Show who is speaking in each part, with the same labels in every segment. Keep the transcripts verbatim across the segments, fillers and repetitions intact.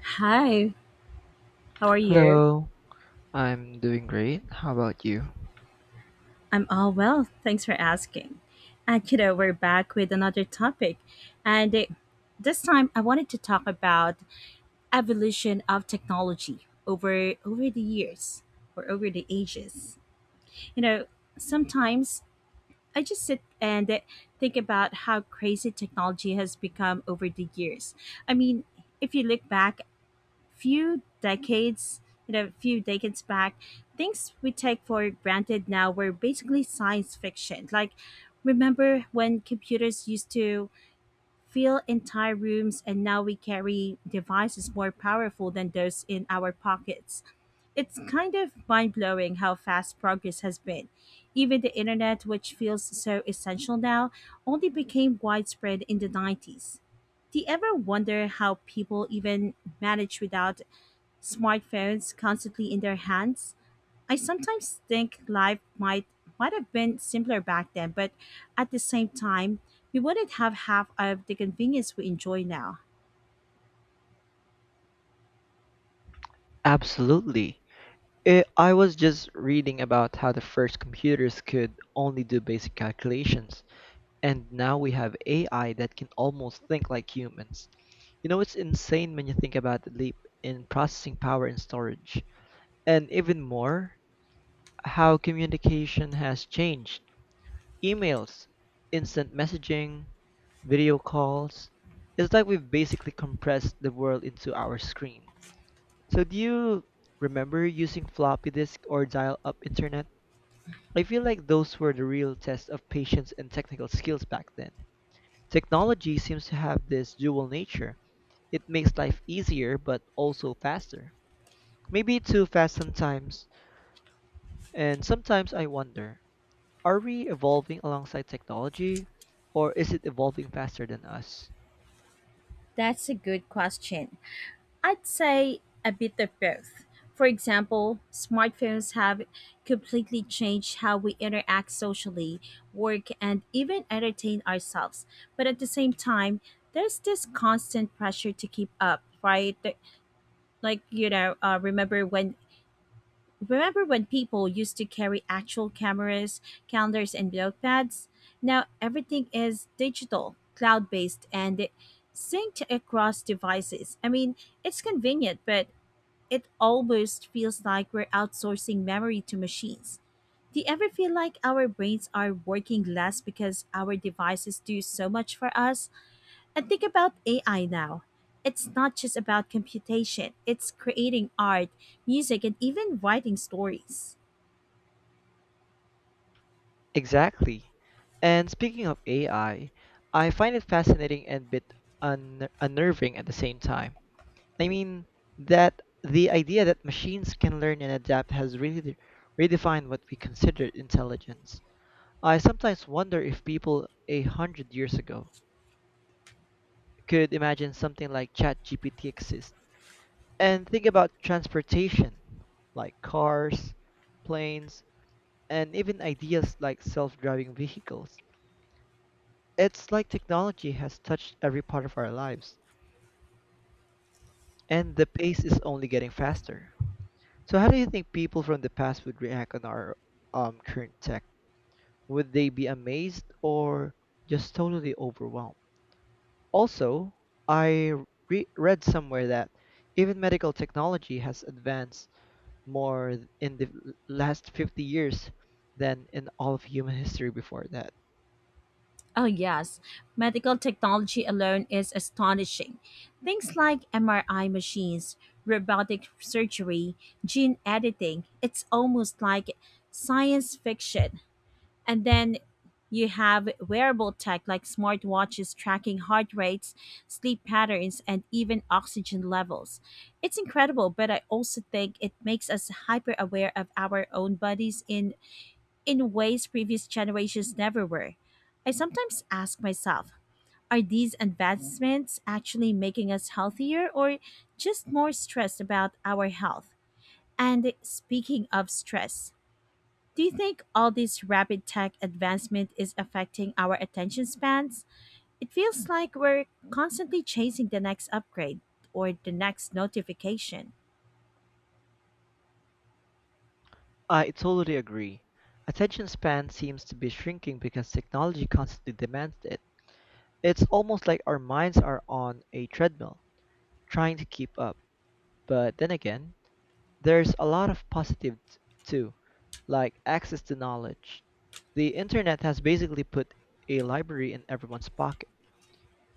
Speaker 1: Hi, how are you?
Speaker 2: Hello, I'm doing great. How about you?
Speaker 1: I'm all well, thanks for asking. And you know, we're back with another topic. And uh, This time I wanted to talk about evolution of technology over over the years or over the ages. You know, sometimes I just sit and uh, think about how crazy technology has become over the years. I mean, if you look back few decades, you know, a few decades back, things we take for granted now were basically science fiction. Like, remember when computers used to fill entire rooms and now we carry devices more powerful than those in our pockets? It's kind of mind blowing how fast progress has been. Even the internet, which feels so essential now, only became widespread in the nineties. Do you ever wonder how people even manage without smartphones constantly in their hands? I sometimes think life might might have been simpler back then, but at the same time, we wouldn't have half of the convenience we enjoy now.
Speaker 2: Absolutely. I I was just reading about how the first computers could only do basic calculations, and now we have A I that can almost think like humans. You know, it's insane when you think about the leap in processing power and storage. And even more, how communication has changed. Emails, instant messaging, video calls. It's like we've basically compressed the world into our screen. So do you remember using floppy disk or dial-up internet? I feel like those were the real test of patience and technical skills back then. Technology seems to have this dual nature. It makes life easier but also faster. Maybe too fast sometimes, and sometimes I wonder, are we evolving alongside technology or is it evolving faster than us?
Speaker 1: That's a good question. I'd say a bit of both. For example, smartphones have completely changed how we interact socially, work, and even entertain ourselves. But at the same time, there's this constant pressure to keep up, right? like you know uh, remember when remember when people used to carry actual cameras, calendars, and notepads. Now everything is digital, cloud based, and synced across devices. I mean, it's convenient, but it almost feels like we're outsourcing memory to machines. Do you ever feel like our brains are working less because our devices do so much for us? And think about A I now. It's not just about computation, it's creating art, music, and even writing stories.
Speaker 2: Exactly. And speaking of A I, I I find it fascinating and bit un- unnerving at the same time. I mean that the idea that machines can learn and adapt has really de- redefined what we consider intelligence. I sometimes wonder if people a hundred years ago could imagine something like ChatGPT exists. And think about transportation, like cars, planes, and even ideas like self-driving vehicles. It's like technology has touched every part of our lives, and the pace is only getting faster. So how do you think people from the past would react on our um, current tech? Would they be amazed or just totally overwhelmed? Also, I re- read somewhere that even medical technology has advanced more th- in the l- last fifty years than in all of human history before that.
Speaker 1: Oh, yes. Medical technology alone is astonishing. Things like M R I machines, robotic surgery, gene editing, it's almost like science fiction. And then you have wearable tech like smartwatches tracking heart rates, sleep patterns, and even oxygen levels. It's incredible, but I also think it makes us hyper aware of our own bodies in, in ways previous generations never were. I sometimes ask myself, are these advancements actually making us healthier or just more stressed about our health? And speaking of stress, do you think all this rapid tech advancement is affecting our attention spans? It feels like we're constantly chasing the next upgrade or the next notification.
Speaker 2: I totally agree. Attention span seems to be shrinking because technology constantly demands it. It's almost like our minds are on a treadmill, trying to keep up. But then again, there's a lot of positive t- too, like access to knowledge. The internet has basically put a library in everyone's pocket.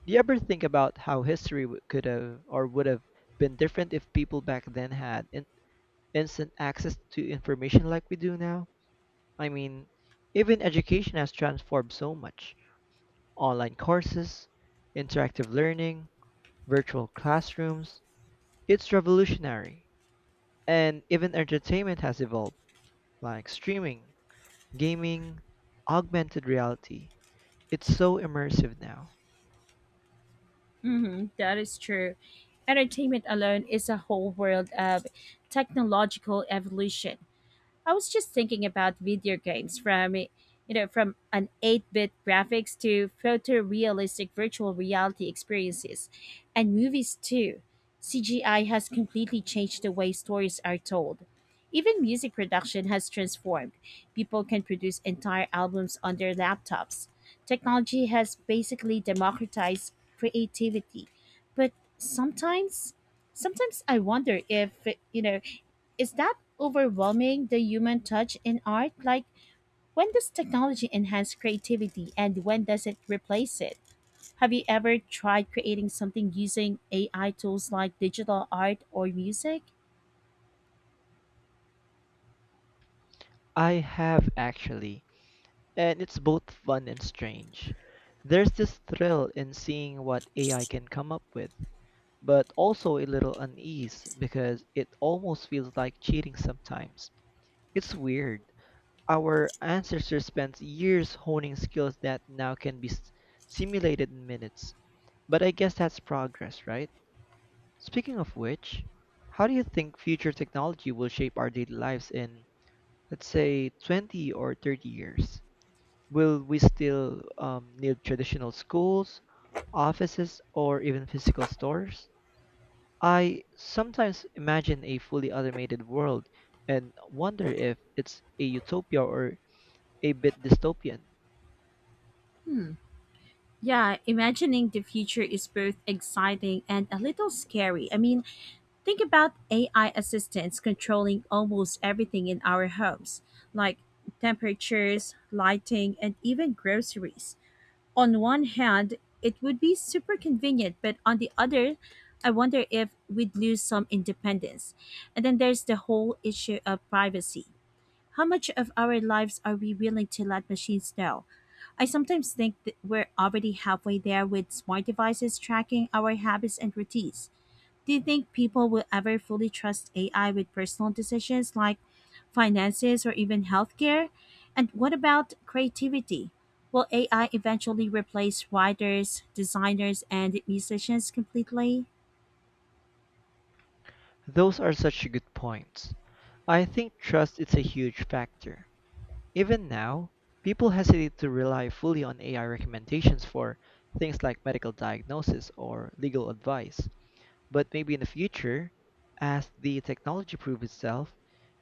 Speaker 2: Do you ever think about how history w- could have or would have been different if people back then had in- instant access to information like we do now? I mean, even education has transformed so much. Online courses, interactive learning, virtual classrooms. It's revolutionary. And even entertainment has evolved like streaming, gaming, augmented reality. It's so immersive now.
Speaker 1: Mhm, that is true. Entertainment alone is a whole world of technological evolution. I was just thinking about video games from you know from an eight-bit graphics to photorealistic virtual reality experiences, and movies too. C G I has completely changed the way stories are told. Even music production has transformed. People can produce entire albums on their laptops. Technology has basically democratized creativity. But sometimes sometimes I wonder if, you know is that overwhelming the human touch in art? Like, when does technology enhance creativity and when does it replace it? Have you ever tried creating something using A I tools like digital art or music?
Speaker 2: I have actually, and it's both fun and strange. There's this thrill in seeing what A I can come up with, but also a little unease because it almost feels like cheating sometimes. It's weird. Our ancestors spent years honing skills that now can be s- simulated in minutes. But I guess that's progress, right? Speaking of which, how do you think future technology will shape our daily lives in, let's say, twenty or thirty years? Will we still um, need traditional schools, offices, or even physical stores? I sometimes imagine a fully automated world and wonder if it's a utopia or a bit dystopian.
Speaker 1: Yeah, imagining the future is both exciting and a little scary. I mean, think about A I assistants controlling almost everything in our homes, like temperatures, lighting, and even groceries. On one hand, it would be super convenient, but on the other, I wonder if we'd lose some independence. And then there's the whole issue of privacy. How much of our lives are we willing to let machines know? I sometimes think that we're already halfway there with smart devices tracking our habits and routines. Do you think people will ever fully trust A I with personal decisions like finances or even healthcare? And what about creativity? Will A I eventually replace writers, designers, and musicians completely?
Speaker 2: Those are such good points. I think trust is a huge factor. Even now, people hesitate to rely fully on A I recommendations for things like medical diagnosis or legal advice. But maybe in the future, as the technology proves itself,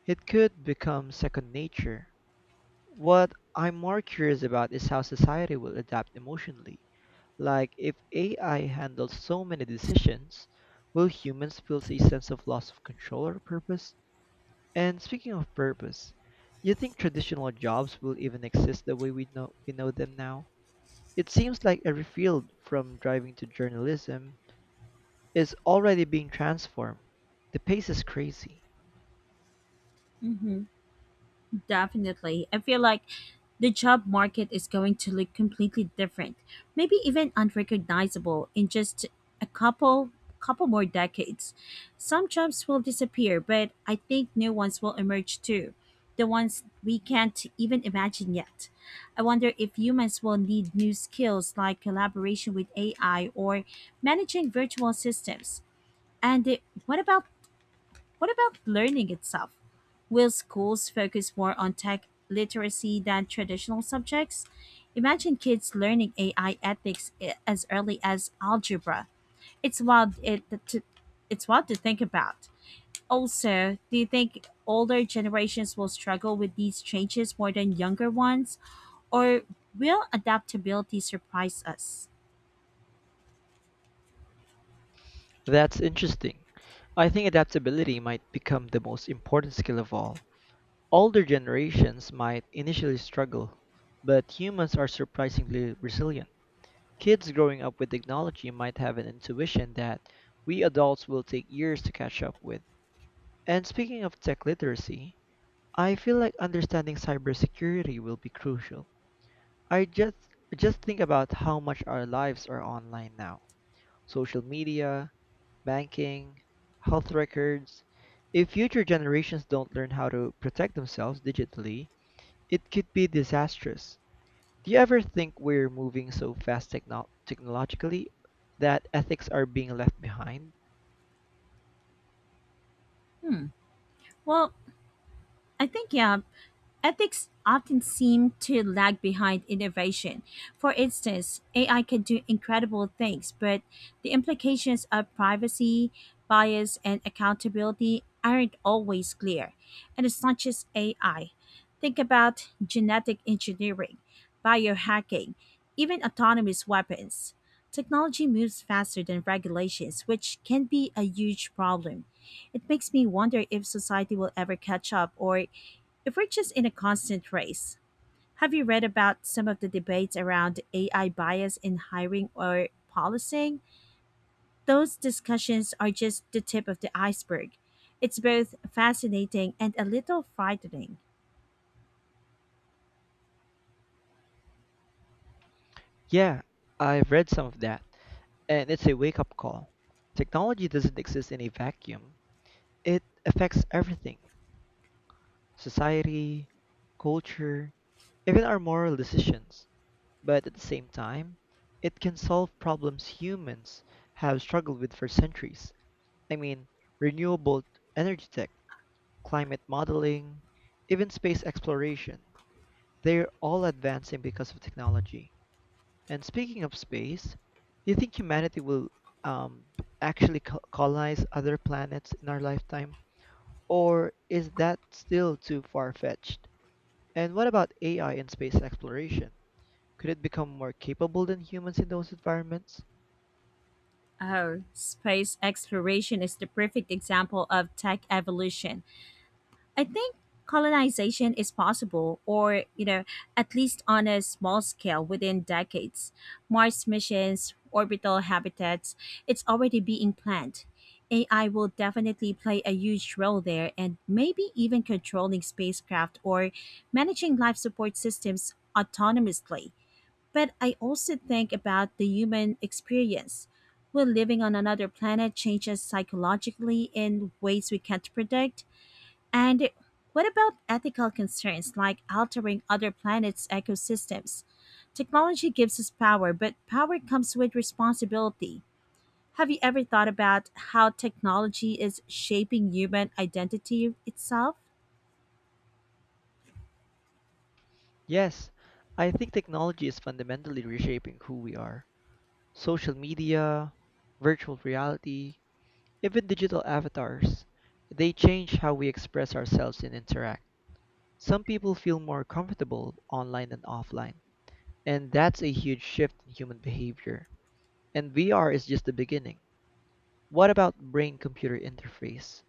Speaker 2: it could become second nature. What I'm more curious about is how society will adapt emotionally. Like, if A I handles so many decisions, will humans feel a sense of loss of control or purpose? And speaking of purpose, do you think traditional jobs will even exist the way we know we know them now? It seems like every field from driving to journalism is already being transformed. The pace is crazy.
Speaker 1: hmm Definitely. I feel like the job market is going to look completely different, maybe even unrecognizable in just a couple couple more decades. Some jobs will disappear, but I think new ones will emerge too. The ones we can't even imagine yet. I wonder if humans will need new skills like collaboration with A I or managing virtual systems. And uh, what about what about learning itself? Will schools focus more on tech literacy than traditional subjects? Imagine kids learning A I ethics i- as early as algebra. It's wild it to, it's wild to think about. Also, do you think older generations will struggle with these changes more than younger ones? Or will adaptability surprise us?
Speaker 2: That's interesting. I think adaptability might become the most important skill of all. Older generations might initially struggle, but humans are surprisingly resilient. Kids growing up with technology might have an intuition that we adults will take years to catch up with. And speaking of tech literacy, I feel like understanding cybersecurity will be crucial. I just just think about how much our lives are online now. Social media, banking, health records. If future generations don't learn how to protect themselves digitally, it could be disastrous. Do you ever think we're moving so fast techno- technologically that ethics are being left behind?
Speaker 1: Well, I think, yeah, ethics often seem to lag behind innovation. For instance, A I can do incredible things, but the implications of privacy, bias, and accountability aren't always clear. And it's not just A I. Think about genetic engineering, biohacking, even autonomous weapons. Technology moves faster than regulations, which can be a huge problem. It makes me wonder if society will ever catch up or if we're just in a constant race. Have you read about some of the debates around A I bias in hiring or policing? Those discussions are just the tip of the iceberg. It's both fascinating and a little frightening.
Speaker 2: Yeah, I've read some of that, and it's a wake up call. Technology doesn't exist in a vacuum, it affects everything society, culture, even our moral decisions. But at the same time, it can solve problems humans have struggled with for centuries. I mean, renewable energy tech, climate modeling, even space exploration. They're all advancing because of technology. And speaking of space, do you think humanity will um, actually co- colonize other planets in our lifetime? Or is that still too far fetched? And what about A I and space exploration? Could it become more capable than humans in those environments?
Speaker 1: Oh, space exploration is the perfect example of tech evolution. I think colonization is possible, or, you know, at least on a small scale within decades. Mars missions, orbital habitats, it's already being planned. A I will definitely play a huge role there, and maybe even controlling spacecraft or managing life support systems autonomously. But I also think about the human experience. Will living on another planet change us psychologically in ways we can't predict? And what about ethical concerns like altering other planets' ecosystems? Technology gives us power, but power comes with responsibility. Have you ever thought about how technology is shaping human identity itself?
Speaker 2: Yes, I think technology is fundamentally reshaping who we are. Social media, virtual reality, even digital avatars, they change how we express ourselves and interact. Some people feel more comfortable online than offline, and that's a huge shift in human behavior. And V R is just the beginning. What about brain computer interface?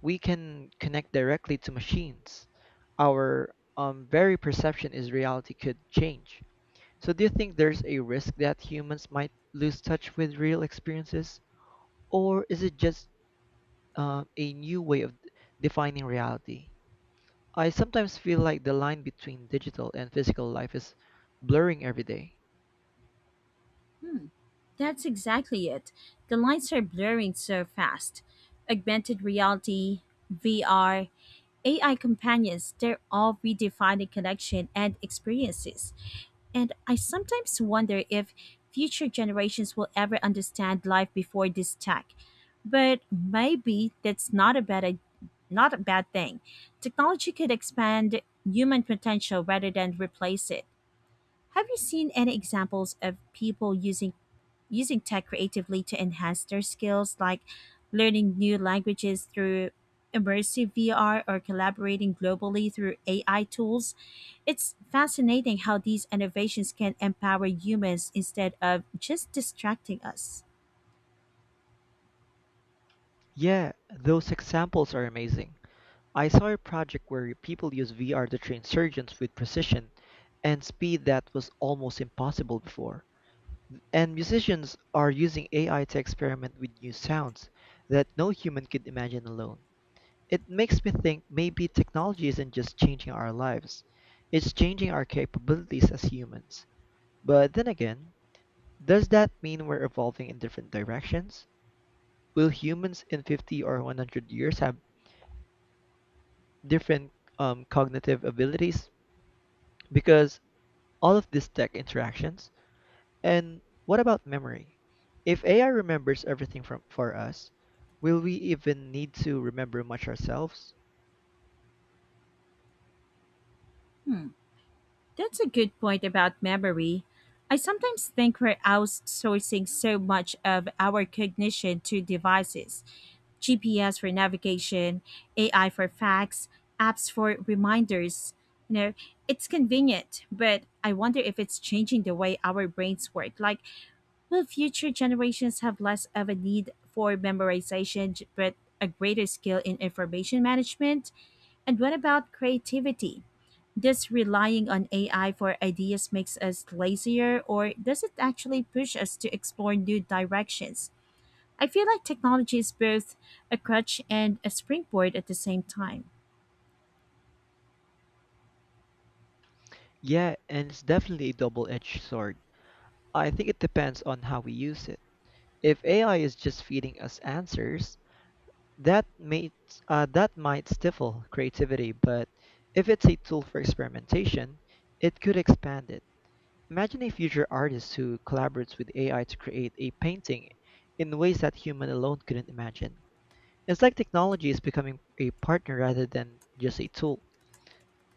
Speaker 2: We can connect directly to machines. Our um, very perception is reality could change. So, do you think there's a risk that humans might lose touch with real experiences, or is it just uh, a new way of defining reality? I sometimes feel like the line between digital and physical life is blurring every day.
Speaker 1: Hmm, that's exactly it. The lines are blurring so fast. Augmented reality, V R, A I companions, they're all redefining connection and experiences. And I sometimes wonder if future generations will ever understand life before this tech. But maybe that's not a bad not a bad thing. Technology could expand human potential rather than replace it. Have you seen any examples of people using using tech creatively to enhance their skills, like learning new languages through immersive V R or collaborating globally through A I tools? It's fascinating how these innovations can empower humans instead of just distracting us.
Speaker 2: Yeah, those examples are amazing. I saw a project where people use V R to train surgeons with precision and speed that was almost impossible before. And musicians are using A I to experiment with new sounds that no human could imagine alone. It makes me think maybe technology isn't just changing our lives, it's changing our capabilities as humans. But then again, does that mean we're evolving in different directions? Will humans in fifty or one hundred years have different um, cognitive abilities? Because all of these tech interactions? And what about memory? If A I remembers everything from, for us, will we even need to remember much ourselves?
Speaker 1: That's a good point about memory. I sometimes think we're outsourcing so much of our cognition to devices: G P S for navigation, A I for facts, apps for reminders. You know, it's convenient, but I wonder if it's changing the way our brains work. Like, will future generations have less of a need for memorization, j- but a greater skill in information management? And what about creativity? This relying on A I for ideas makes us lazier, or does it actually push us to explore new directions? I feel like technology is both a crutch and a springboard at the same time.
Speaker 2: Yeah, and it's definitely a double edged sword. I think it depends on how we use it. If A I is just feeding us answers, that may, uh, that might stifle creativity, but if it's a tool for experimentation, it could expand it. Imagine a future artist who collaborates with A I to create a painting in ways that human alone couldn't imagine. It's like technology is becoming a partner rather than just a tool.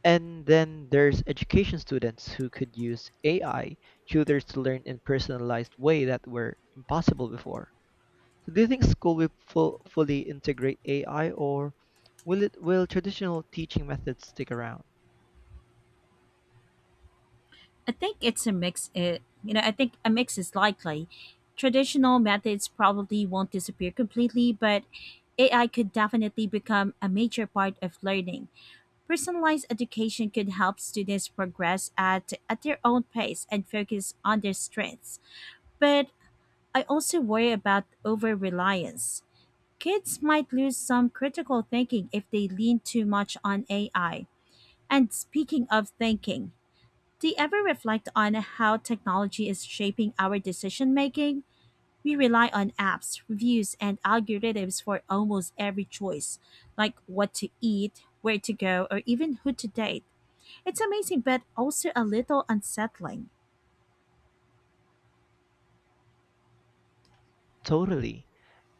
Speaker 2: And then there's education students who could use A I tutors to learn in personalized way that were impossible before. So do you think school will full, fully integrate A I or will it will traditional teaching methods stick around?
Speaker 1: I think it's a mix. It, you know, I think a mix is likely. Traditional methods probably won't disappear completely, but A I could definitely become a major part of learning. Personalized education could help students progress at, at their own pace and focus on their strengths. But I also worry about over reliance. Kids might lose some critical thinking if they lean too much on A I. And speaking of thinking, do you ever reflect on how technology is shaping our decision making? We rely on apps, reviews, and algorithms for almost every choice, like what to eat, where to go, or even who to date. It's amazing, but also a little unsettling.
Speaker 2: Totally.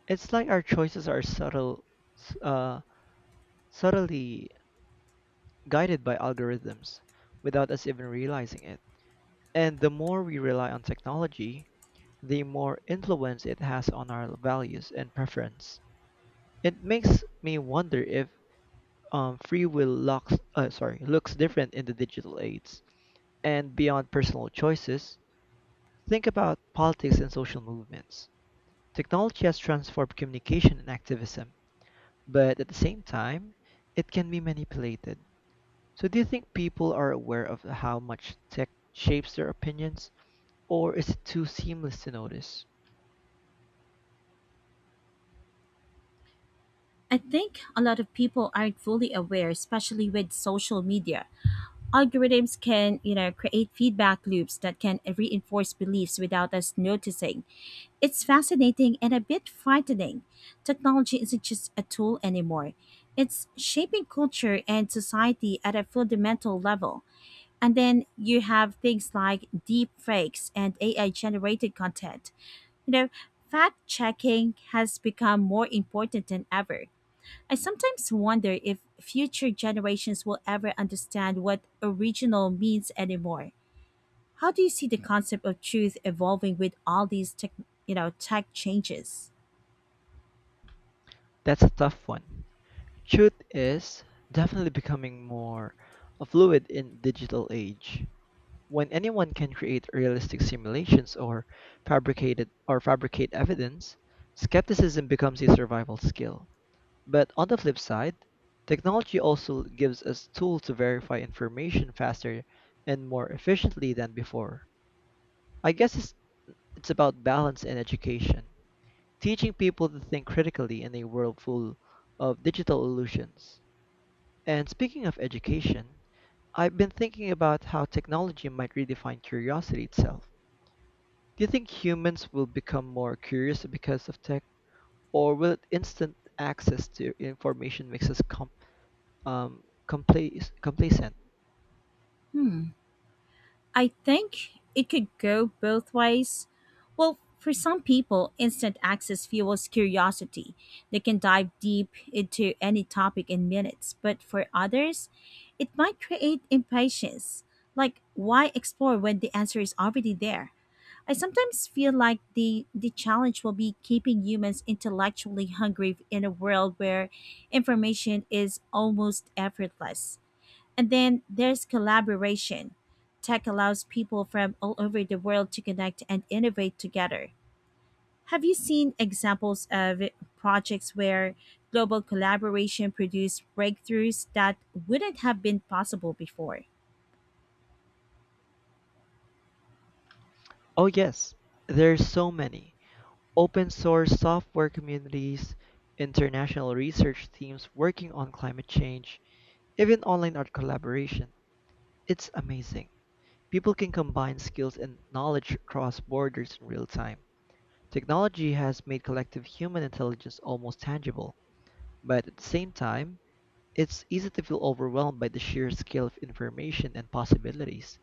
Speaker 2: It's like our choices are subtle s- uh subtly guided by algorithms without us even realizing it. And the more we rely on technology, the more influence it has on our values and preference. It makes me wonder if um, free will looks, uh, sorry, looks different in the digital age. And beyond personal choices, think about politics and social movements. Technology has transformed communication and activism, but at the same time, it can be manipulated. So do you think people are aware of how much tech shapes their opinions, or is it too seamless to notice?
Speaker 1: I think a lot of people aren't fully aware, especially with social media. Algorithms can, you know, create feedback loops that can reinforce beliefs without us noticing. It's fascinating and a bit frightening. Technology isn't just a tool anymore. It's shaping culture and society at a fundamental level. And then you have things like deep fakes and A I generated content. You know, fact checking has become more important than ever. I sometimes wonder if future generations will ever understand what original means anymore. How do you see the concept of truth evolving with all these tech, you know, tech changes?
Speaker 2: That's a tough one. Truth is definitely becoming more fluid in digital age. When anyone can create realistic simulations or fabricated or fabricate evidence, skepticism becomes a survival skill. But on the flip side, technology also gives us tools to verify information faster and more efficiently than before. I guess it's It's about balance and education, teaching people to think critically in a world full of digital illusions. And speaking of education, I've been thinking about how technology might redefine curiosity itself. Do you think humans will become more curious because of tech, or will instant access to information makes us com- um, compla- complacent?
Speaker 1: I think it could go both ways. Well, for some people, instant access fuels curiosity. They can dive deep into any topic in minutes, but for others, it might create impatience. Like, why explore when the answer is already there? I sometimes feel like the, the challenge will be keeping humans intellectually hungry in a world where information is almost effortless. And then there's collaboration. Tech allows people from all over the world to connect and innovate together. Have you seen examples of projects where global collaboration produced breakthroughs that wouldn't have been possible before?
Speaker 2: Oh yes, there's so many. Open source software communities, international research teams working on climate change, even online art collaboration. It's amazing. People can combine skills and knowledge across borders in real time. Technology has made collective human intelligence almost tangible, but at the same time, it's easy to feel overwhelmed by the sheer scale of information and possibilities.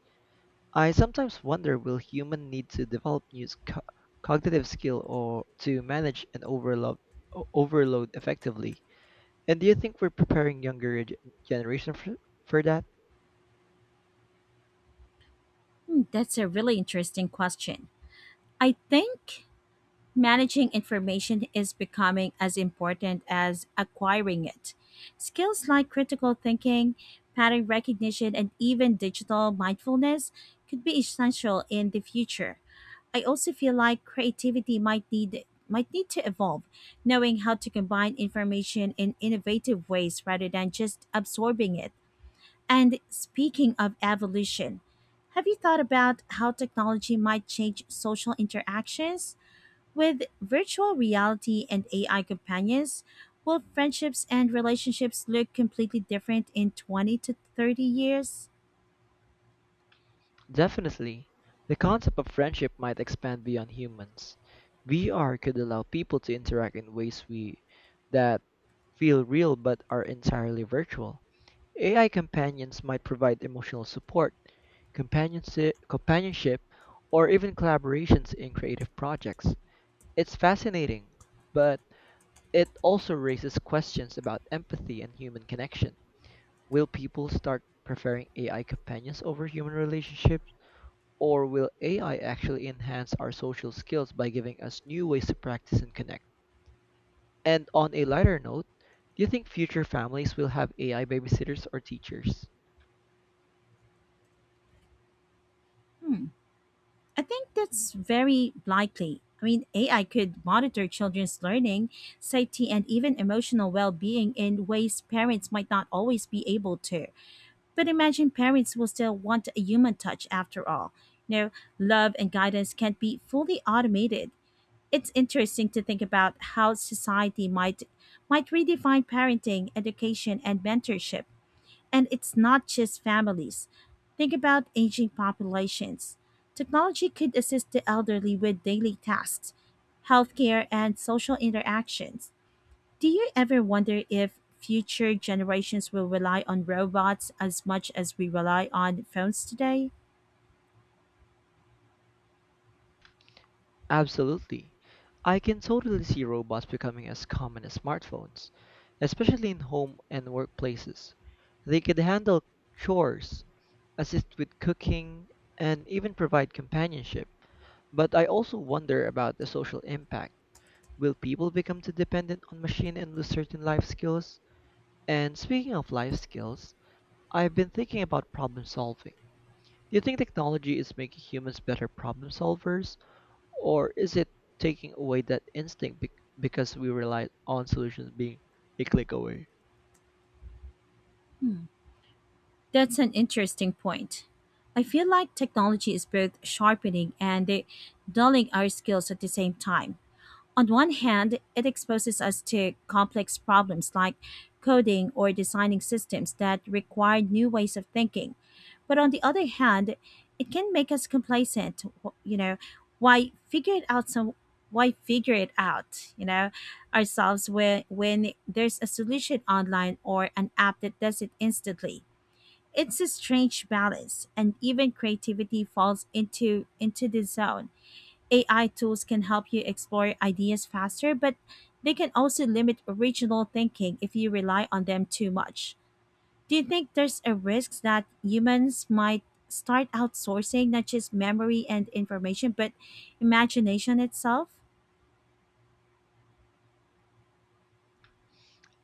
Speaker 2: I sometimes wonder will human need to develop new s- co- cognitive skill or to manage an overload o- overload effectively. And do you think we're preparing younger g- generation for, for that?
Speaker 1: Hmm, that's a really interesting question. I think managing information is becoming as important as acquiring it. Skills like critical thinking, pattern recognition, and even digital mindfulness could be essential in the future. I also feel like creativity might need might need to evolve, knowing how to combine information in innovative ways rather than just absorbing it. And speaking of evolution, have you thought about how technology might change social interactions? With virtual reality and A I companions, will friendships and relationships look completely different in twenty to thirty years?
Speaker 2: Definitely. The concept of friendship might expand beyond humans. V R could allow people to interact in ways we that feel real but are entirely virtual. A I companions might provide emotional support, companionship, companionship, or even collaborations in creative projects. It's fascinating, but it also raises questions about empathy and human connection. Will people start preferring A I companions over human relationships? Or will A I actually enhance our social skills by giving us new ways to practice and connect? And on a lighter note, do you think future families will have A I babysitters or teachers?
Speaker 1: Hmm, I think that's very likely. I mean, A I could monitor children's learning, safety, and even emotional well being in ways parents might not always be able to. But imagine parents will still want a human touch after all. You know, love and guidance can't be fully automated. It's interesting to think about how society might might redefine parenting, education, and mentorship. And it's not just families. Think about aging populations. Technology could assist the elderly with daily tasks, healthcare, and social interactions. Do you ever wonder if future generations will rely on robots as much as we rely on phones today?
Speaker 2: Absolutely. I can totally see robots becoming as common as smartphones, especially in home and workplaces. They could handle chores, assist with cooking, and even provide companionship. But I also wonder about the social impact. Will people become too dependent on machine and lose certain life skills? And speaking of life skills, I've been thinking about problem solving. Do you think technology is making humans better problem solvers? Or is it taking away that instinct bec- because we rely on solutions being a click away?
Speaker 1: That's an interesting point. I feel like technology is both sharpening and eh, dulling our skills at the same time. On one hand, it exposes us to complex problems like coding or designing systems that require new ways of thinking. But on the other hand, it can make us complacent. Wh- you know, why figure it out some why figure it out, you know, ourselves when when there's a solution online or an app that does it instantly. It's a strange balance, and even creativity falls into into the zone. A I tools can help you explore ideas faster, but they can also limit original thinking if you rely on them too much. Do you think there's a risk that humans might start outsourcing not just memory and information, but imagination itself?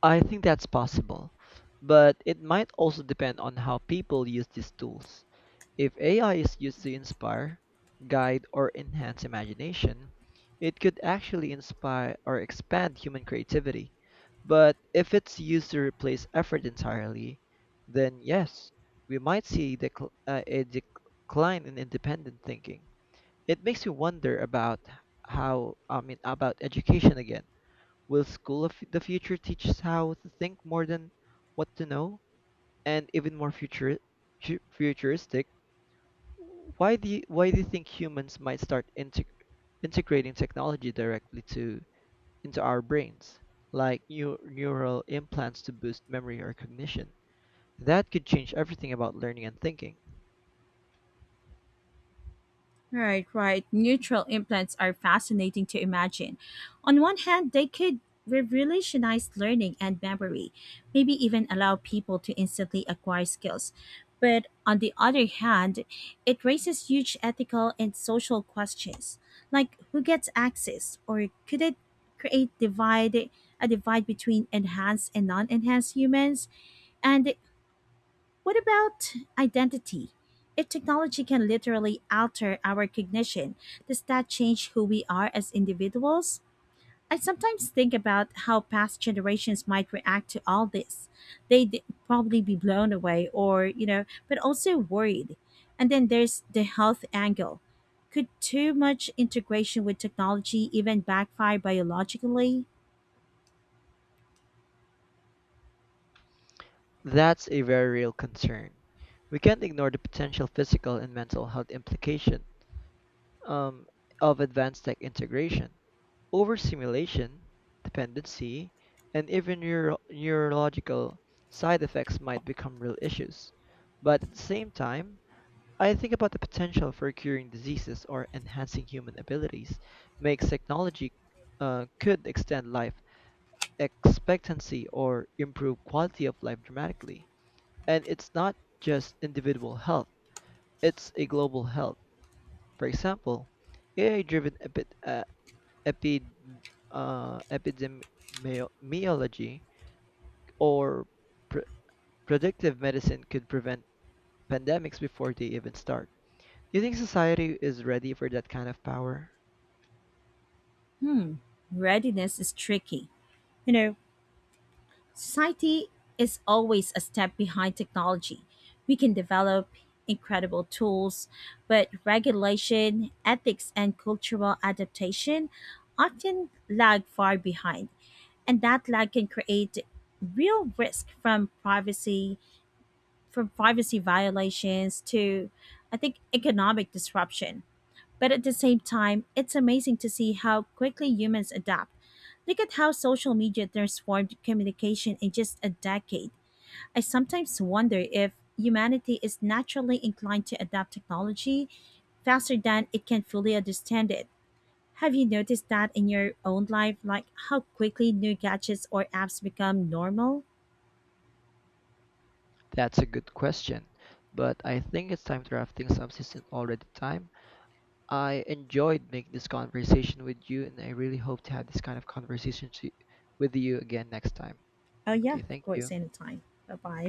Speaker 2: I think that's possible, but it might also depend on how people use these tools. If A I is used to inspire, guide, or enhance imagination, it could actually inspire or expand human creativity. But if it's used to replace effort entirely, then yes, we might see decl- uh, a decline in independent thinking. It makes you wonder about how, I mean, about education again. Will school of the future teach us how to think more than what to know? And even more future, fu- futuristic, why do you, why do you think humans might start integ- integrating technology directly to into our brains, like new neural implants to boost memory or cognition? That could change everything about learning and thinking.
Speaker 1: Right, right. Neutral implants are fascinating to imagine. On one hand, they could revolutionize learning and memory, maybe even allow people to instantly acquire skills. But on the other hand, it raises huge ethical and social questions, like who gets access, or could it create divide a divide between enhanced and non-enhanced humans? And what about identity? If technology can literally alter our cognition, does that change who we are as individuals? I sometimes think about how past generations might react to all this. They'd probably be blown away, or, you know, but also worried. And then there's the health angle. Could too much integration with technology even backfire biologically?
Speaker 2: That's a very real concern. We can't ignore the potential physical and mental health implication um, of advanced tech integration. Overstimulation, dependency, and even neuro- neurological side effects might become real issues. But at the same time, I think about the potential for curing diseases or enhancing human abilities makes technology uh, could extend life expectancy or improve quality of life dramatically. And it's not just individual health, it's a global health. For example, A I driven epi- uh, epi- uh, epidemiology or pre- predictive medicine could prevent pandemics before they even start. Do you think society is ready for that kind of power?
Speaker 1: Hmm, readiness is tricky. You know, society is always a step behind technology. We can develop incredible tools, but regulation, ethics, and cultural adaptation often lag far behind. And that lag can create real risk, from privacy, from privacy violations to, I think, economic disruption. But at the same time, it's amazing to see how quickly humans adapt. Look at how social media transformed communication in just a decade. I sometimes wonder if humanity is naturally inclined to adapt technology faster than it can fully understand it. Have you noticed that in your own life, like how quickly new gadgets or apps become normal?
Speaker 2: That's a good question, but I think it's time to wrap things up since it's already time. I enjoyed making this conversation with you, and I really hope to have this kind of conversation to, with you again next time.
Speaker 1: Oh, yeah,
Speaker 2: Okay,
Speaker 1: of
Speaker 2: thank
Speaker 1: course,
Speaker 2: you.
Speaker 1: anytime. Bye bye.